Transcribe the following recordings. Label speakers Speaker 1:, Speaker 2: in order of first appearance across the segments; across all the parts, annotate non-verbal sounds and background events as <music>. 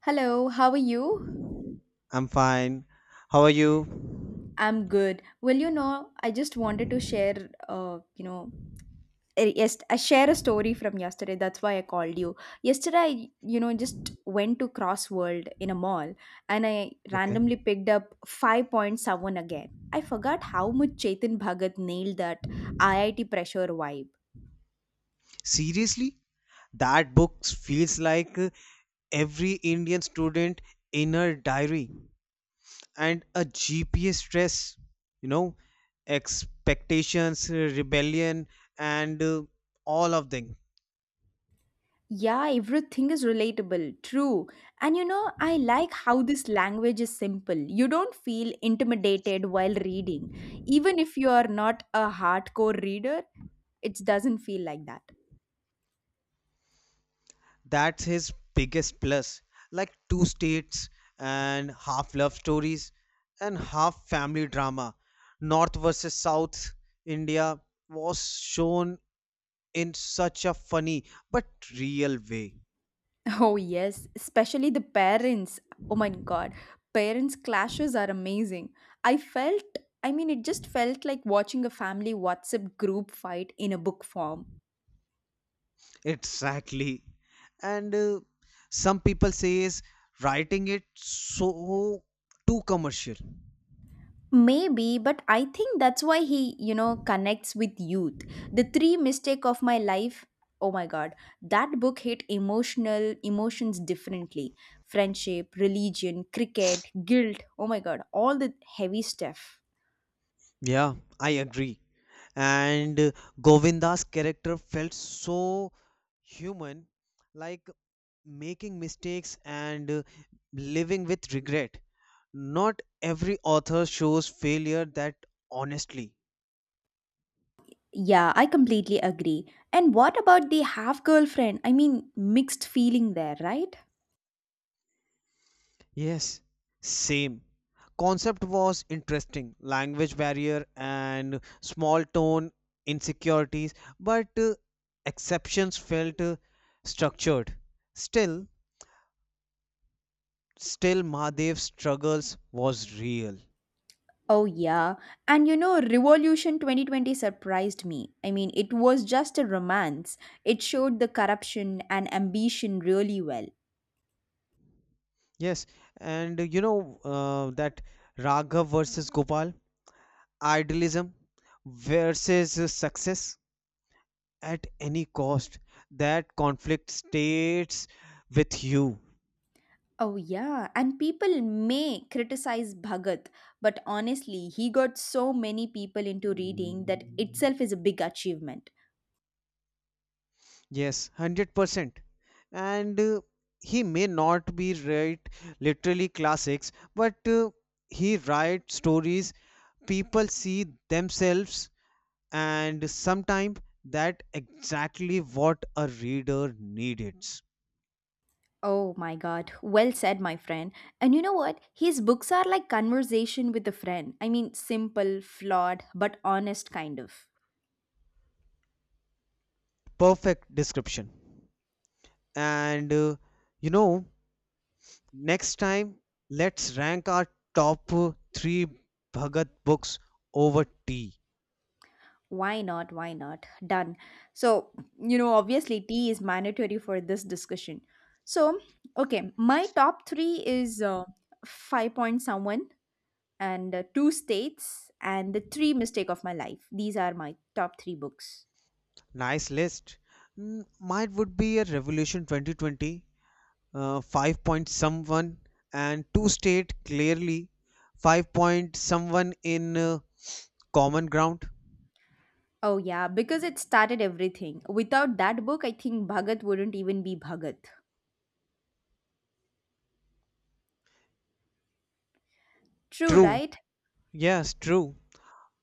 Speaker 1: Hello, how are you?
Speaker 2: I'm fine. How are you?
Speaker 1: I'm good. Well, I just wanted to share, yes, I share a story from yesterday. That's why I called you. Yesterday, I just went to Cross World in a mall and I
Speaker 2: Okay.
Speaker 1: randomly picked up 5.7 again. I forgot how much Chetan Bhagat nailed that IIT pressure vibe.
Speaker 2: Seriously? That book feels like every Indian student inner diary and a GPS stress, you know, expectations, rebellion, and all of them.
Speaker 1: Yeah, everything is relatable. True. And I like how this language is simple. You don't feel intimidated while reading. Even if you are not a hardcore reader, it doesn't feel like that.
Speaker 2: That's his biggest plus. Like two states and half love stories and half family drama. North versus South India was shown in such a funny but real way
Speaker 1: <laughs> Oh, yes. Especially the parents. Oh my God. Parents' clashes are amazing. I felt, I mean, it just felt like watching a family WhatsApp group fight in a book form.
Speaker 2: exactly, and some people say is writing it so too commercial.
Speaker 1: Maybe, but I think that's why he, connects with youth. The three mistake of my life. Oh my god, that book hit emotional emotions differently. Friendship, religion, cricket, guilt. Oh my god, all the heavy stuff.
Speaker 2: Yeah, I agree, and Govinda's character felt so human, like making mistakes and living with regret. Not every author shows failure that honestly.
Speaker 1: Yeah, I completely agree. And what about the half girlfriend? I mean, mixed feeling there, right?
Speaker 2: Yes, same. Concept was interesting, language barrier and small town insecurities, but exceptions felt structured. Still, still, Mahadev's struggles was real.
Speaker 1: Oh, yeah. And Revolution 2020 surprised me. I mean, it was just a romance, it showed the corruption and ambition really well.
Speaker 2: Yes, and you know that Raghav versus Gopal, idealism versus success at any cost. That conflict stays with you.
Speaker 1: Oh, yeah. And people may criticize Bhagat, but honestly, he got so many people into reading. That itself is a big achievement.
Speaker 2: Yes, 100%. And He may not be write literally classics, but he writes stories people see themselves, and sometimes that exactly what a reader needs.
Speaker 1: Oh my god, well said, my friend. And you know what? His books are like conversation with a friend. I mean, simple, flawed, but honest kind of.
Speaker 2: Perfect description. And You know, next time let's rank our top 3 Bhagat books over tea.
Speaker 1: Why not? Why not? Done. So, obviously, tea is mandatory for this discussion. So, okay, my top three is five point someone and two states and the three mistake of my life. These are my top three books.
Speaker 2: Nice list. Mm, mine would be a Revolution 2020, 5 point someone and two state clearly, 5 point someone in common ground.
Speaker 1: Oh yeah, because it started everything. Without that book, I think Bhagat wouldn't even be Bhagat. True,
Speaker 2: True.
Speaker 1: right?
Speaker 2: Yes, true.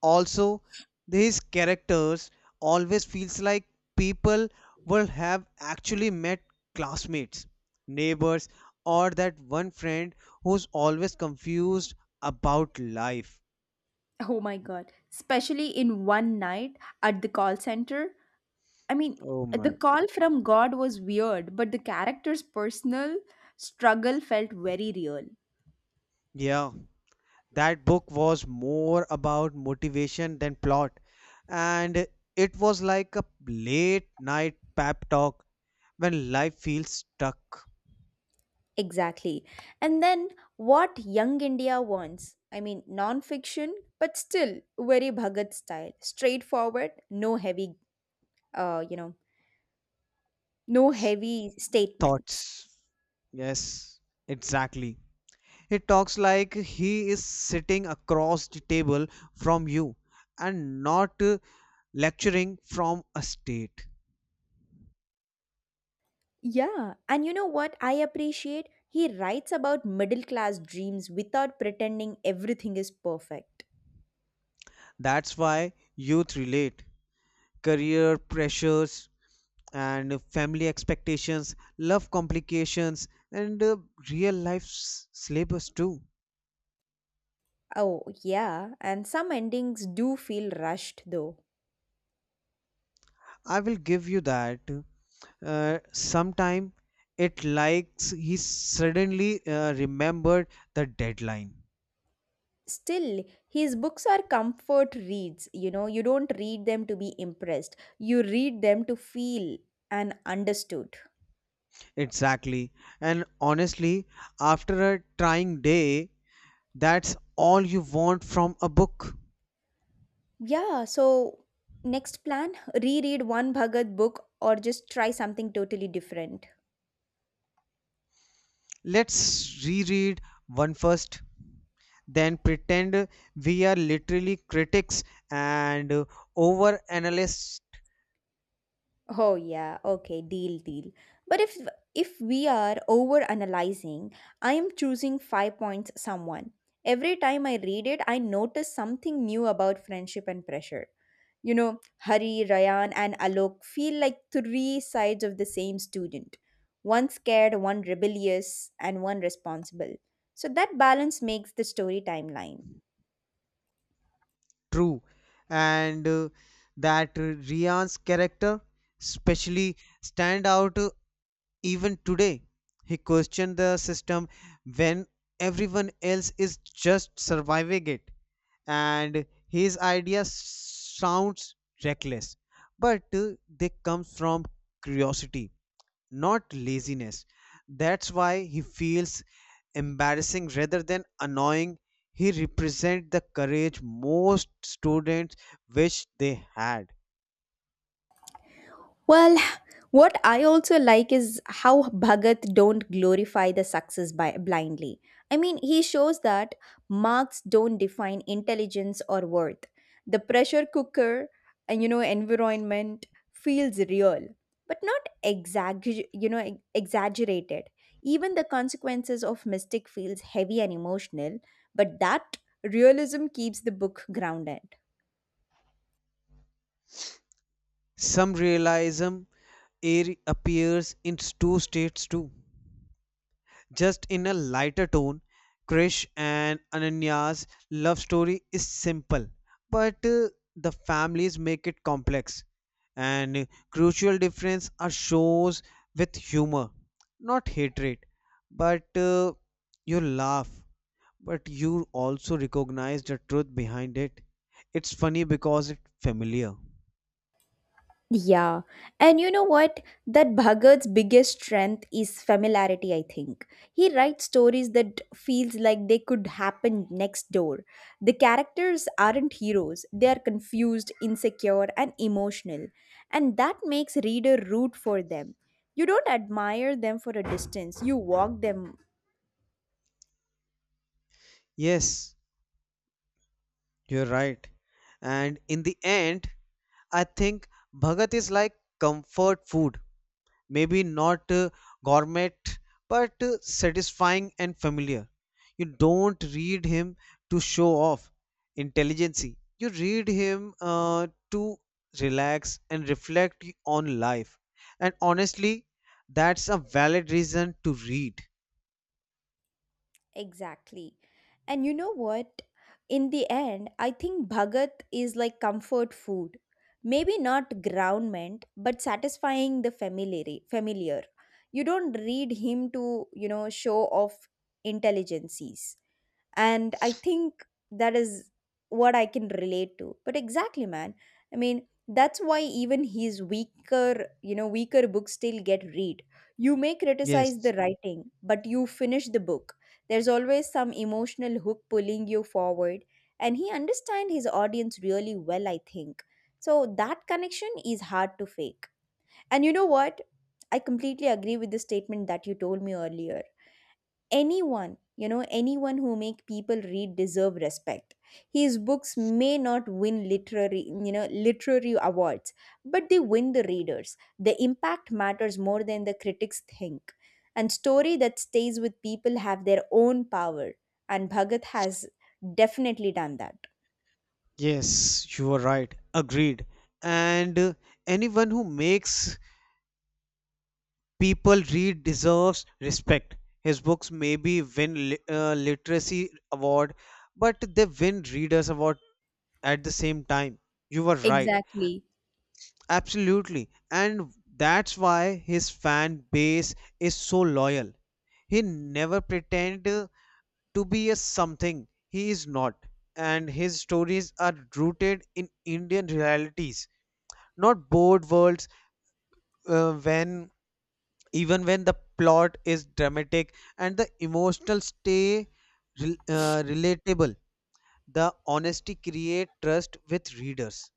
Speaker 2: Also, these characters always feels like people will have actually met classmates, neighbors, or that one friend who's always confused about life.
Speaker 1: Oh my god. Especially in one night at the call center. I mean,
Speaker 2: Oh
Speaker 1: the
Speaker 2: my.
Speaker 1: call from God was weird, but the character's personal struggle felt very real.
Speaker 2: Yeah. That book was more about motivation than plot, and it was like a late night pep talk when life feels stuck.
Speaker 1: Exactly. And then what Young India wants. I mean, non fiction, but still very Bhagat style. Straightforward, uh, you know, no heavy statements.
Speaker 2: Thoughts. Yes, exactly. It talks like he is sitting across the table from you and not lecturing from a state.
Speaker 1: Yeah. And you know what I appreciate? He writes about middle class dreams without pretending everything is perfect.
Speaker 2: That's why youth relate career pressures and family expectations, love complications, and real life syllabus too.
Speaker 1: Oh, yeah, and some endings do feel rushed though.
Speaker 2: I will give you that. Sometime it likes he suddenly remembered the deadline.
Speaker 1: Still, his books are comfort reads, you don't read them to be impressed, you read them to feel and understood.
Speaker 2: Exactly. And honestly, after a trying day, that's all you want from a book.
Speaker 1: Yeah, so next plan, reread one Bhagat book or just try something totally different.
Speaker 2: Let's reread one first, then pretend we are literally critics and over analysts.
Speaker 1: Oh yeah, okay, deal, deal. But if we are over analyzing, I am choosing five points someone. Every time I read it, I notice something new about friendship and pressure. You know, Hari, Rayan, and Alok feel like three sides of the same student. One scared, one rebellious, and one responsible. So that balance makes the story timeline.
Speaker 2: True, and that Rian's character especially stand out even today. He questioned the system when everyone else is just surviving it, and his idea sounds reckless, but they come from curiosity, not laziness. That's why he feels embarrassing rather than annoying. He represents the courage most students wish they had.
Speaker 1: Well, what I also like is how Bhagat don't glorify the success by blindly. I mean, he shows that marks don't define intelligence or worth. The pressure cooker and environment feels real, but not exaggerated. Even the consequences of mistake feels heavy and emotional, but that realism keeps the book grounded.
Speaker 2: Some realism air appears in two states too, just in a lighter tone. Krish and Ananya's love story is simple, but the families make it complex, and crucial difference are shows with humor, not hatred, but you laugh. But you also recognize the truth behind it. It's funny because it's familiar.
Speaker 1: Yeah. And you know what? That Bhagat's biggest strength is familiarity, I think. He writes stories that feels like they could happen next door. The characters aren't heroes. They are confused, insecure, and emotional. And that makes reader root for them. You don't admire them for a distance. You walk them.
Speaker 2: Yes, you're right. And in the end, I think Bhagat is like comfort food. Maybe not gourmet, but satisfying and familiar. You don't read him to show off intelligency, you read him to relax and reflect on life, and honestly, that's a valid reason to read.
Speaker 1: Exactly. And you know what? In the end, I think Bhagat is like comfort food. Maybe not groundment, but satisfying the familiar. Familiar. You don't read him to, show off intelligences, and I think that is what I can relate to. But exactly, man, I mean that's why even his weaker, weaker books still get read. You may criticize
Speaker 2: Yes,
Speaker 1: the writing, but you finish the book. There's always some emotional hook pulling you forward, and he understands his audience really well, I think. So that connection is hard to fake. And you know what? I completely agree with the statement that you told me earlier. Anyone, anyone who make people read deserve respect. His books may not win literary, literary awards, but they win the readers. The impact matters more than the critics think, and story that stays with people have their own power. And Bhagat has definitely done that.
Speaker 2: yes, you are right. Agreed. And Anyone who makes people read deserves respect. His books maybe win literacy award, but they win readers award at the same time. You were right,
Speaker 1: Exactly.
Speaker 2: absolutely, and that's why his fan base is so loyal. He never pretend to be a something he is not, and his stories are rooted in Indian realities, not bored worlds when even when the plot is dramatic and the emotional stay relatable. The honesty create trust with readers.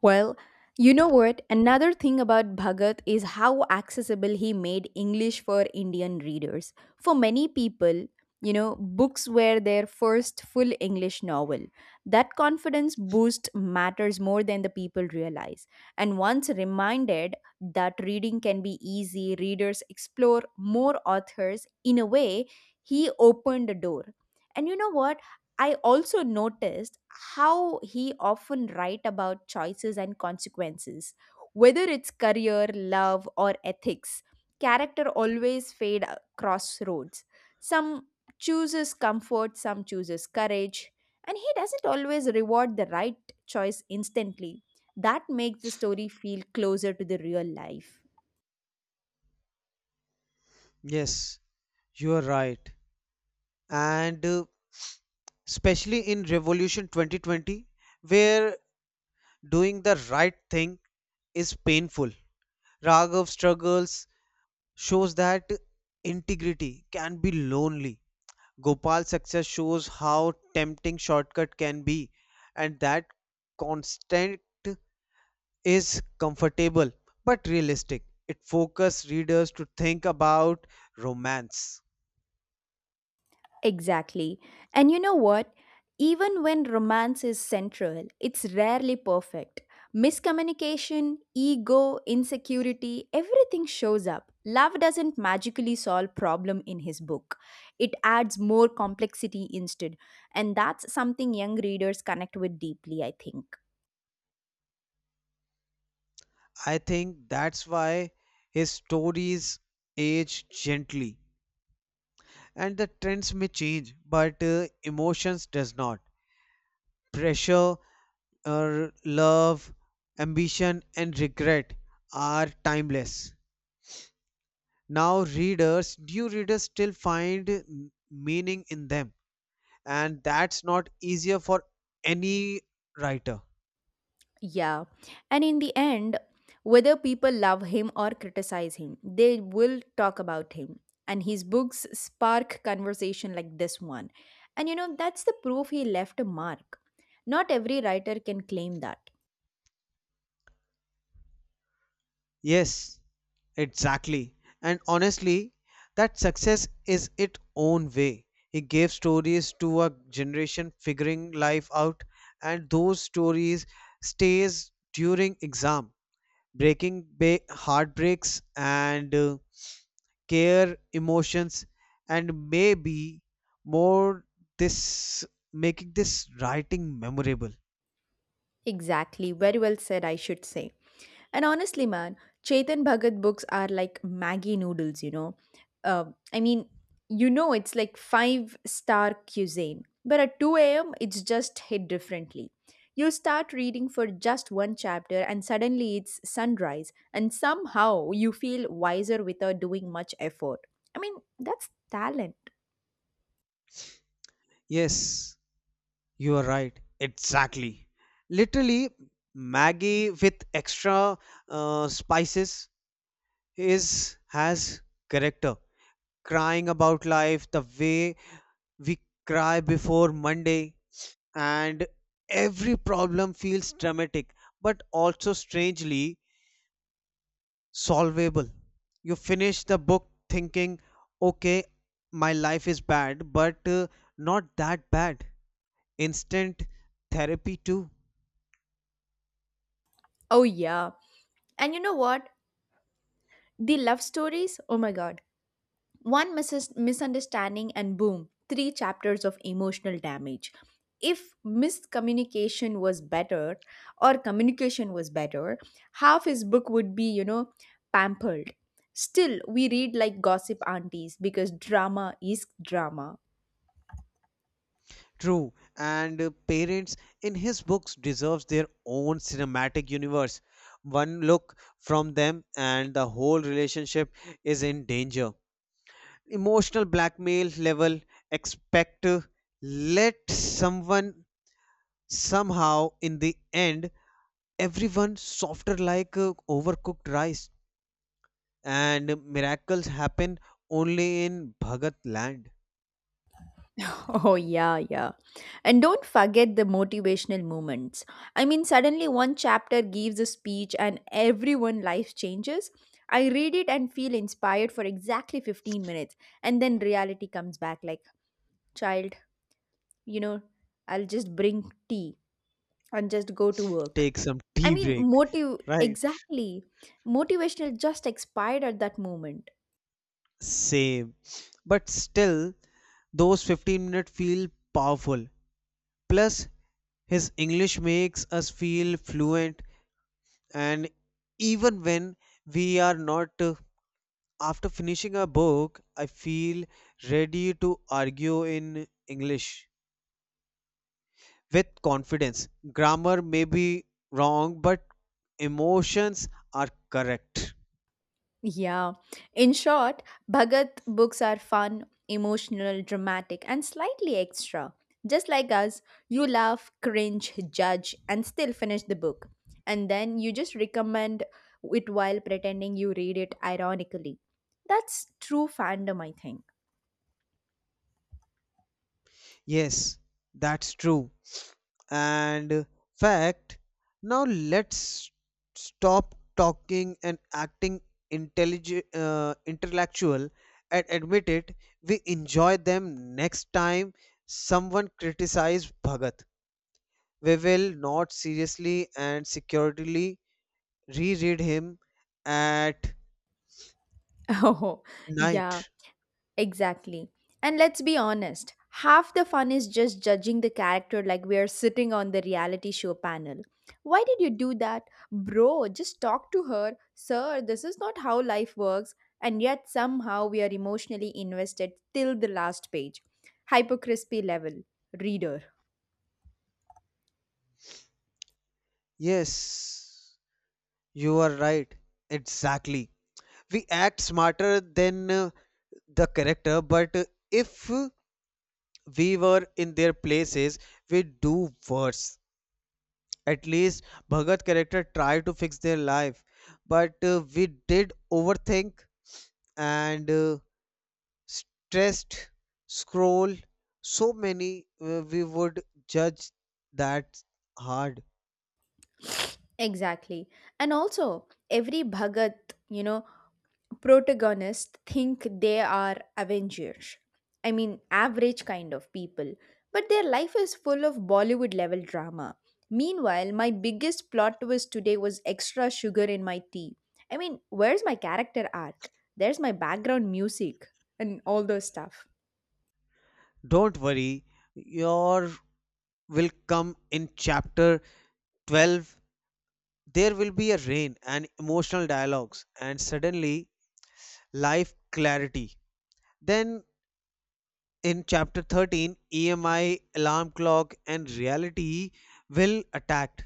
Speaker 1: Well, you know what? Another thing about Bhagat is how accessible he made English for Indian readers. For many people, books were their first full English novel. That confidence boost matters more than the people realize. And once reminded that reading can be easy, readers explore more authors. In a way, he opened the door. And you know what? I also noticed how he often write about choices and consequences, whether it's career, love, or ethics. Character always fade crossroads. Some chooses comfort, some chooses courage, and he doesn't always reward the right choice instantly. That makes the story feel closer to the real life.
Speaker 2: Yes, you are right, and especially in Revolution 2020, where doing the right thing is painful. Raghav struggles shows that integrity can be lonely. Gopal's success shows how tempting shortcut can be, and that constant is comfortable but realistic. It focuses readers to think about romance.
Speaker 1: Exactly. And you know what? Even when romance is central, it's rarely perfect. Miscommunication, ego, insecurity, everything shows up. Love doesn't magically solve problem in his book. It adds more complexity instead, and that's something young readers connect with deeply, I think.
Speaker 2: I think that's why his stories age gently, and the trends may change, but emotions does not. Pressure, love, ambition and regret are timeless. Now readers, new readers still find meaning in them, and that's not easier for any writer.
Speaker 1: Yeah. And in the end, whether people love him or criticize him, they will talk about him. And his books spark conversation like this one. And that's the proof he left a mark. Not every writer can claim that.
Speaker 2: Yes, exactly. And honestly, that success is its own way. It gave stories to a generation figuring life out, and those stories stays during exam, heartbreaks and care emotions, and maybe more this making this writing memorable.
Speaker 1: Exactly. Very well said, I should say. And honestly, man, Chetan Bhagat books are like Maggie noodles. Um, I mean, it's like five-star cuisine, but at 2 a.m., it's just hit differently. You start reading for just one chapter, and suddenly it's sunrise, and somehow you feel wiser without doing much effort. I mean, that's talent.
Speaker 2: Yes, you are right. Exactly. Literally, Maggie with extra spices is has character. Crying about life the way we cry before Monday, and every problem feels dramatic, but also strangely solvable. You finish the book thinking, okay, my life is bad, but not that bad. Instant therapy too.
Speaker 1: Oh, yeah. And you know what? The love stories, oh my god. One misses misunderstanding, and boom, three chapters of emotional damage. If miscommunication was better, or communication was better, half his book would be, pampered. Still, we read like gossip aunties because drama is drama.
Speaker 2: True, and parents in his books deserves their own cinematic universe. One look from them and the whole relationship is in danger. Emotional blackmail level expect let someone somehow in the end everyone softer like overcooked rice, and miracles happen only in Bhagat land.
Speaker 1: Oh, yeah, yeah. And don't forget the motivational moments. I mean, suddenly one chapter gives a speech and everyone life changes. I read it and feel inspired for exactly 15 minutes. And then reality comes back like, child, you know, I'll just bring tea and just go to work.
Speaker 2: Take some
Speaker 1: I
Speaker 2: tea
Speaker 1: mean,
Speaker 2: break,
Speaker 1: motive,
Speaker 2: right?
Speaker 1: exactly. Motivational just expired at that moment.
Speaker 2: Same. But still, those 15 minutes feel powerful. Plus, his English makes us feel fluent, and even when we are not, after finishing a book, I feel ready to argue in English with confidence. Grammar may be wrong, but emotions are correct.
Speaker 1: Yeah. In short, Bhagat books are fun, emotional, dramatic, and slightly extra. Just like us, you laugh, cringe, judge, and still finish the book. And then you just recommend it while pretending you read it ironically. That's true fandom, I think. <laughs>
Speaker 2: Yes, that's true, and fact, now let's stop talking and acting intelligent intellectual, and admit it, we enjoy them. Next time someone criticize Bhagat, we will not seriously and securely reread him at
Speaker 1: Oh, yeah.
Speaker 2: night.
Speaker 1: Exactly. And let's be honest, half the fun is just judging the character like we are sitting on the reality show panel. Why did you do that? Bro, just talk to her. Sir, this is not how life works. And yet somehow we are emotionally invested till the last page. Hypercrispy level. Reader.
Speaker 2: Yes, you are right, exactly. We act smarter than the character, but if we were in their places, we do worse. At least Bhagat character tried to fix their life, but we did overthink and stressed, scroll, so many we would judge that hard.
Speaker 1: Exactly. And also, every Bhagat, you know, protagonists think they are Avengers. I mean, average kind of people, but their life is full of Bollywood level drama. Meanwhile, my biggest plot twist today was extra sugar in my tea. I mean, where's my character arc? There's my background music and all those stuff.
Speaker 2: Don't worry, your will come in chapter 12. There will be a rain and emotional dialogues, and suddenly life clarity. Then in chapter 13, EMI, alarm clock, and reality will attacked,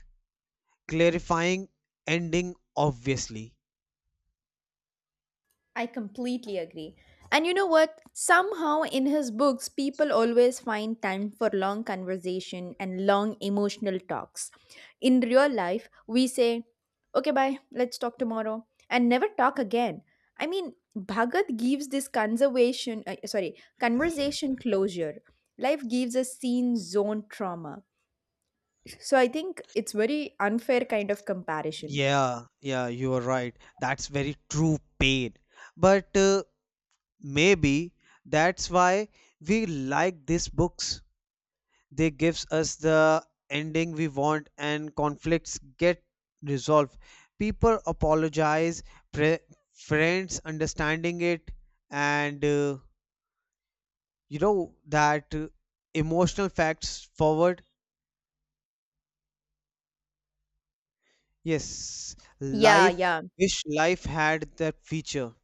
Speaker 2: clarifying ending obviously.
Speaker 1: I completely agree. And you know what? Somehow in his books, people always find time for long conversation and long emotional talks. In real life, we say, okay, bye, let's talk tomorrow, and never talk again. I mean, Bhagat gives this conversation closure. Life gives us scene zone trauma. So I think it's very unfair kind of comparison.
Speaker 2: Yeah, you are right. That's very true pain. But maybe that's why we like these books. They gives us the ending we want, and conflicts get resolved. People apologize, pre- friends understanding it, and you know that emotional facts forward. Yes,
Speaker 1: Yeah,
Speaker 2: life,
Speaker 1: yeah.
Speaker 2: wish life had that feature.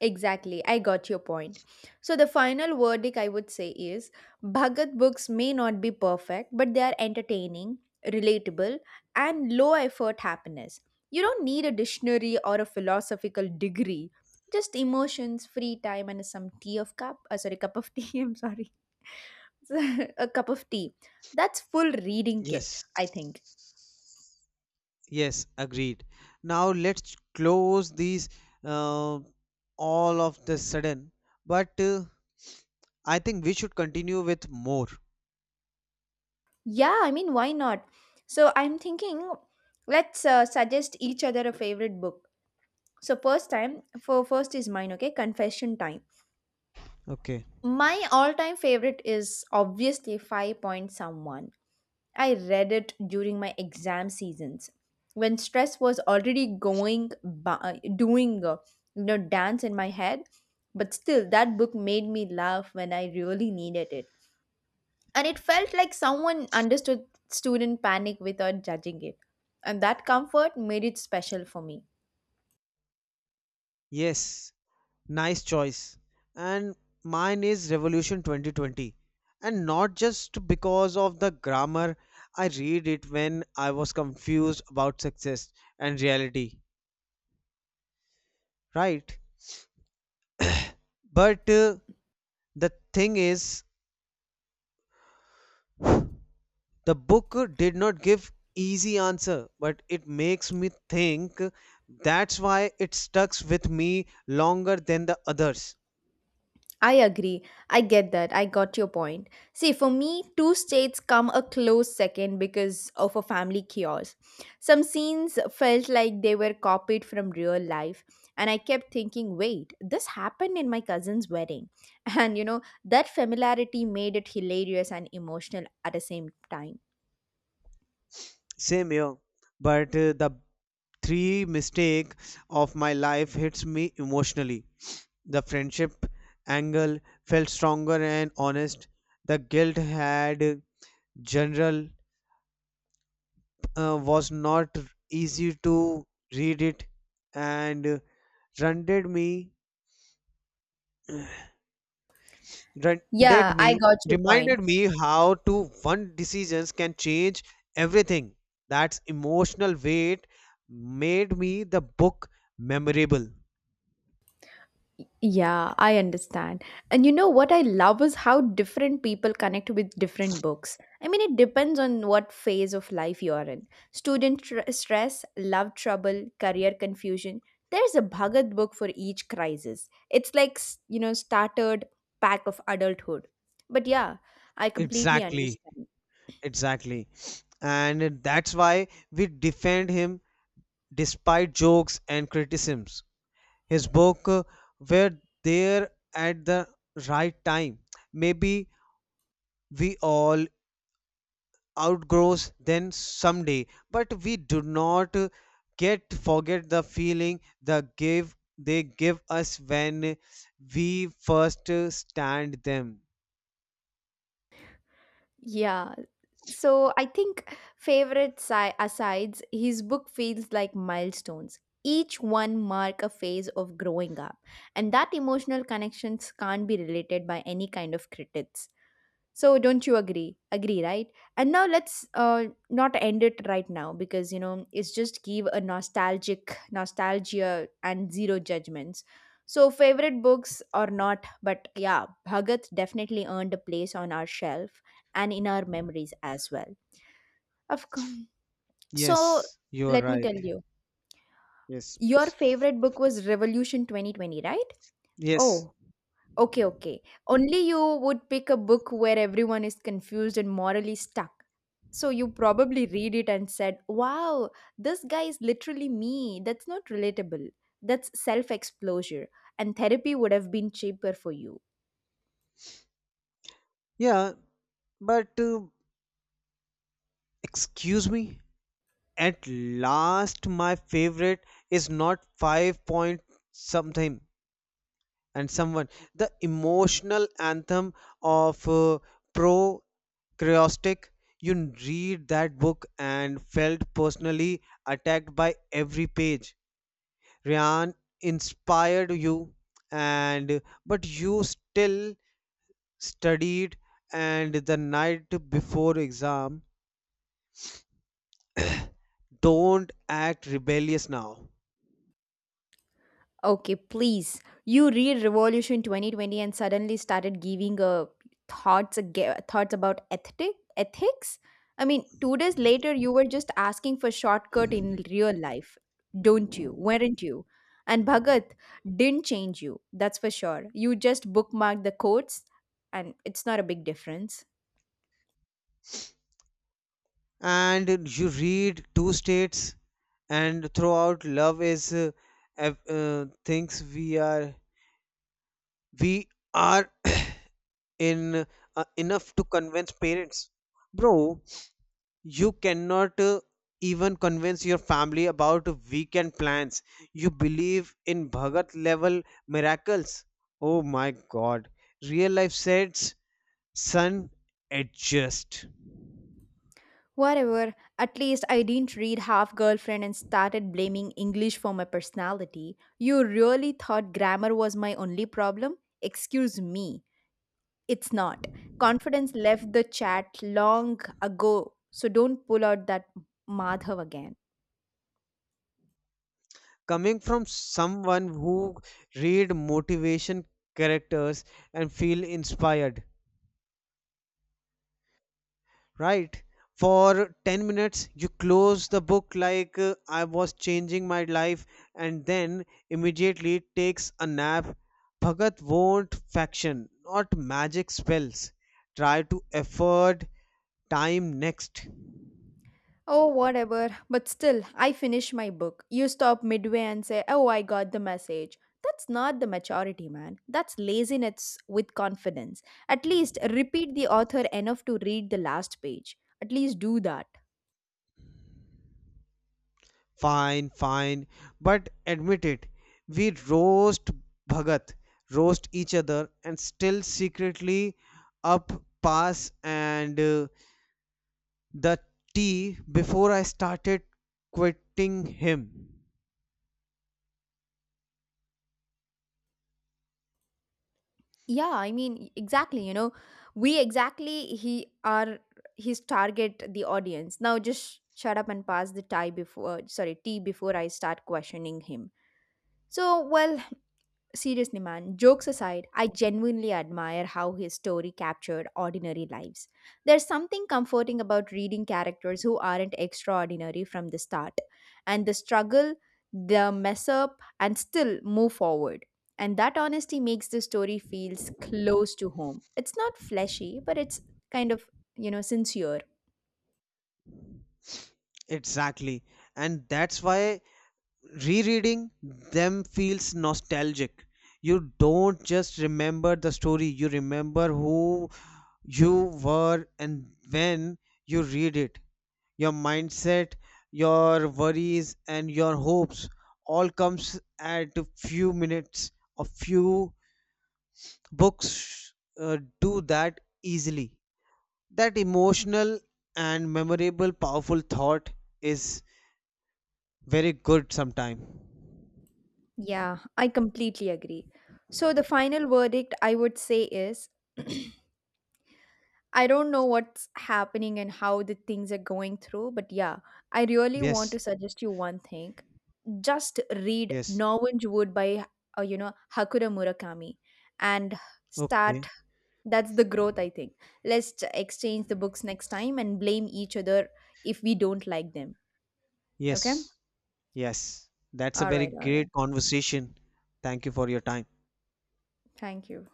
Speaker 1: Exactly, I got your point. So, the final verdict I would say is Bhagat books may not be perfect, but they are entertaining, relatable, and low effort happiness. You don't need a dictionary or a philosophical degree, just emotions, free time, and some tea of cup of tea, <laughs> I'm sorry. <laughs> A cup of tea. That's full reading kit,
Speaker 2: yes
Speaker 1: I think.
Speaker 2: yes agreed. Now let's close these uh, all of the sudden, but I think we should continue with more.
Speaker 1: Yeah, I mean, why not? So, I'm thinking, let's suggest each other a favorite book. So first time for first is mine, okay? Confession time.
Speaker 2: Okay,
Speaker 1: My all-time favorite is obviously five point someone. I read it during my exam seasons when stress was already going by, doing, dance in my head. But still, that book made me laugh when I really needed it, and it felt like someone understood student panic without judging it, and that comfort made it special for me.
Speaker 2: yes. Nice choice. And mine is Revolution 2020. And not just because of the grammar, I read it when I was confused about success and reality, right? But the thing is, the book did not give easy answer, but it makes me think. That's why it stucks with me longer than the others.
Speaker 1: I agree. I get that. I got your point. See, for me, two states come a close second because of a family chaos. Some scenes felt like they were copied from real life, and I kept thinking, wait, this happened in my cousin's wedding. <laughs> That familiarity made it hilarious and emotional at the same time.
Speaker 2: Same here. But the three mistake of my life hits me emotionally. The friendship angle felt stronger and honest. The guilt had general was not easy to read it, and rendered me rendered
Speaker 1: Yeah,
Speaker 2: me
Speaker 1: I got your point.
Speaker 2: reminded me how to one decisions can change everything. That's emotional weight made me the book memorable.
Speaker 1: Yeah, I understand. And you know what I love is how different people connect with different books. I mean, it depends on what phase of life you're in. Student stress, love trouble, career confusion. There's a Bhagat book for each crisis. It's like, started pack of adulthood. But yeah, I completely
Speaker 2: Exactly.
Speaker 1: understand.
Speaker 2: Exactly. And that's why we defend him despite jokes and criticisms. His book were there at the right time. Maybe we all outgrows then someday, but we do not get forget the feeling the give they give us when we first stand them.
Speaker 1: Yeah. So I think favorite asides, his book feels like milestones. Each one mark a phase of growing up, and that emotional connections can't be related by any kind of critics. So don't you agree? Agree, right? And now let's not end it right now because you know it's just give a nostalgic nostalgia and zero judgments. So favorite books or not, but yeah, Bhagat definitely earned a place on our shelf and in our memories as well. Of course. So
Speaker 2: Yes, you are
Speaker 1: let me
Speaker 2: right.
Speaker 1: tell you,
Speaker 2: Yes,
Speaker 1: your
Speaker 2: please.
Speaker 1: favorite book was Revolution 2020, right?
Speaker 2: Yes.
Speaker 1: Oh, okay, okay. Only you would pick a book where everyone is confused and morally stuck. So you probably read it and said, "Wow, this guy is literally me." That's not relatable. That's self exposure. And therapy would have been cheaper for you.
Speaker 2: Yeah, but excuse me? At last, my favorite is not five point something and someone. The emotional anthem of pro Creostic. You read that book and felt personally attacked by every page. Ryan inspired you, and but you still studied, and the night before exam, don't act rebellious now.
Speaker 1: Okay, please. You read Revolution 2020 and suddenly started giving thoughts about ethics. I mean, 2 days later, you were just asking for shortcut in real life, don't you? Weren't you? And Bhagat didn't change you. That's for sure. You just bookmarked the quotes, and it's not a big difference.
Speaker 2: And you read two states and throughout love is things we are <coughs> <clears throat> in enough to convince parents. Bro, you cannot even convince your family about weekend plans. You believe in Bhagat level miracles. Oh my god. Real life says, son, adjust.
Speaker 1: Whatever, at least I didn't read Half Girlfriend and started blaming English for my personality. You really thought grammar was my only problem? Excuse me, it's not. Confidence left the chat long ago, so don't pull out that Madhav again.
Speaker 2: Coming from someone who read motivation characters and feel inspired, right, for 10 minutes. You close the book like I was changing my life, and then immediately takes a nap. Bhagat won't faction, not magic spells. Try to afford time next.
Speaker 1: Oh, whatever. But still, I finish my book. You stop midway and say, "Oh, I got the message." That's not the maturity, man. That's laziness with confidence. At least repeat the author enough to read the last page. At least do that.
Speaker 2: Fine, fine. But admit it, we roast Bhagat, roast each other, and still secretly up pass and the tea before I started quitting him.
Speaker 1: Yeah, I mean, exactly. You know, we exactly he are his target, the audience. Now just shut up and pass the tea before I start questioning him. So, well, seriously, man, jokes aside, I genuinely admire how his story captured ordinary lives. There's something comforting about reading characters who aren't extraordinary from the start, and the struggle, the mess up, and still move forward. And that honesty makes the story feels close to home. It's not fleshy, but it's kind of, you know, sincere.
Speaker 2: Exactly. And that's why rereading them feels nostalgic. You don't just remember the story, you remember who you were and when you read it. Your mindset, your worries, and your hopes all comes at a few minutes. A few books do that easily. That emotional and memorable, powerful thought is very good sometime.
Speaker 1: Yeah, I completely agree. So the final verdict I would say is <clears throat> I don't know what's happening and how the things are going through, but yeah, I really want
Speaker 2: Yes,
Speaker 1: to suggest you one thing. Just read
Speaker 2: yes,
Speaker 1: Norwich Wood by, Hakura Murakami and
Speaker 2: okay,
Speaker 1: start. That's the growth, I think. Let's exchange the books next time and blame each other if we don't like them. Okay?
Speaker 2: yes, yes. That's a
Speaker 1: All
Speaker 2: very
Speaker 1: right, all right.
Speaker 2: great conversation. Thank you for your time.
Speaker 1: Thank you.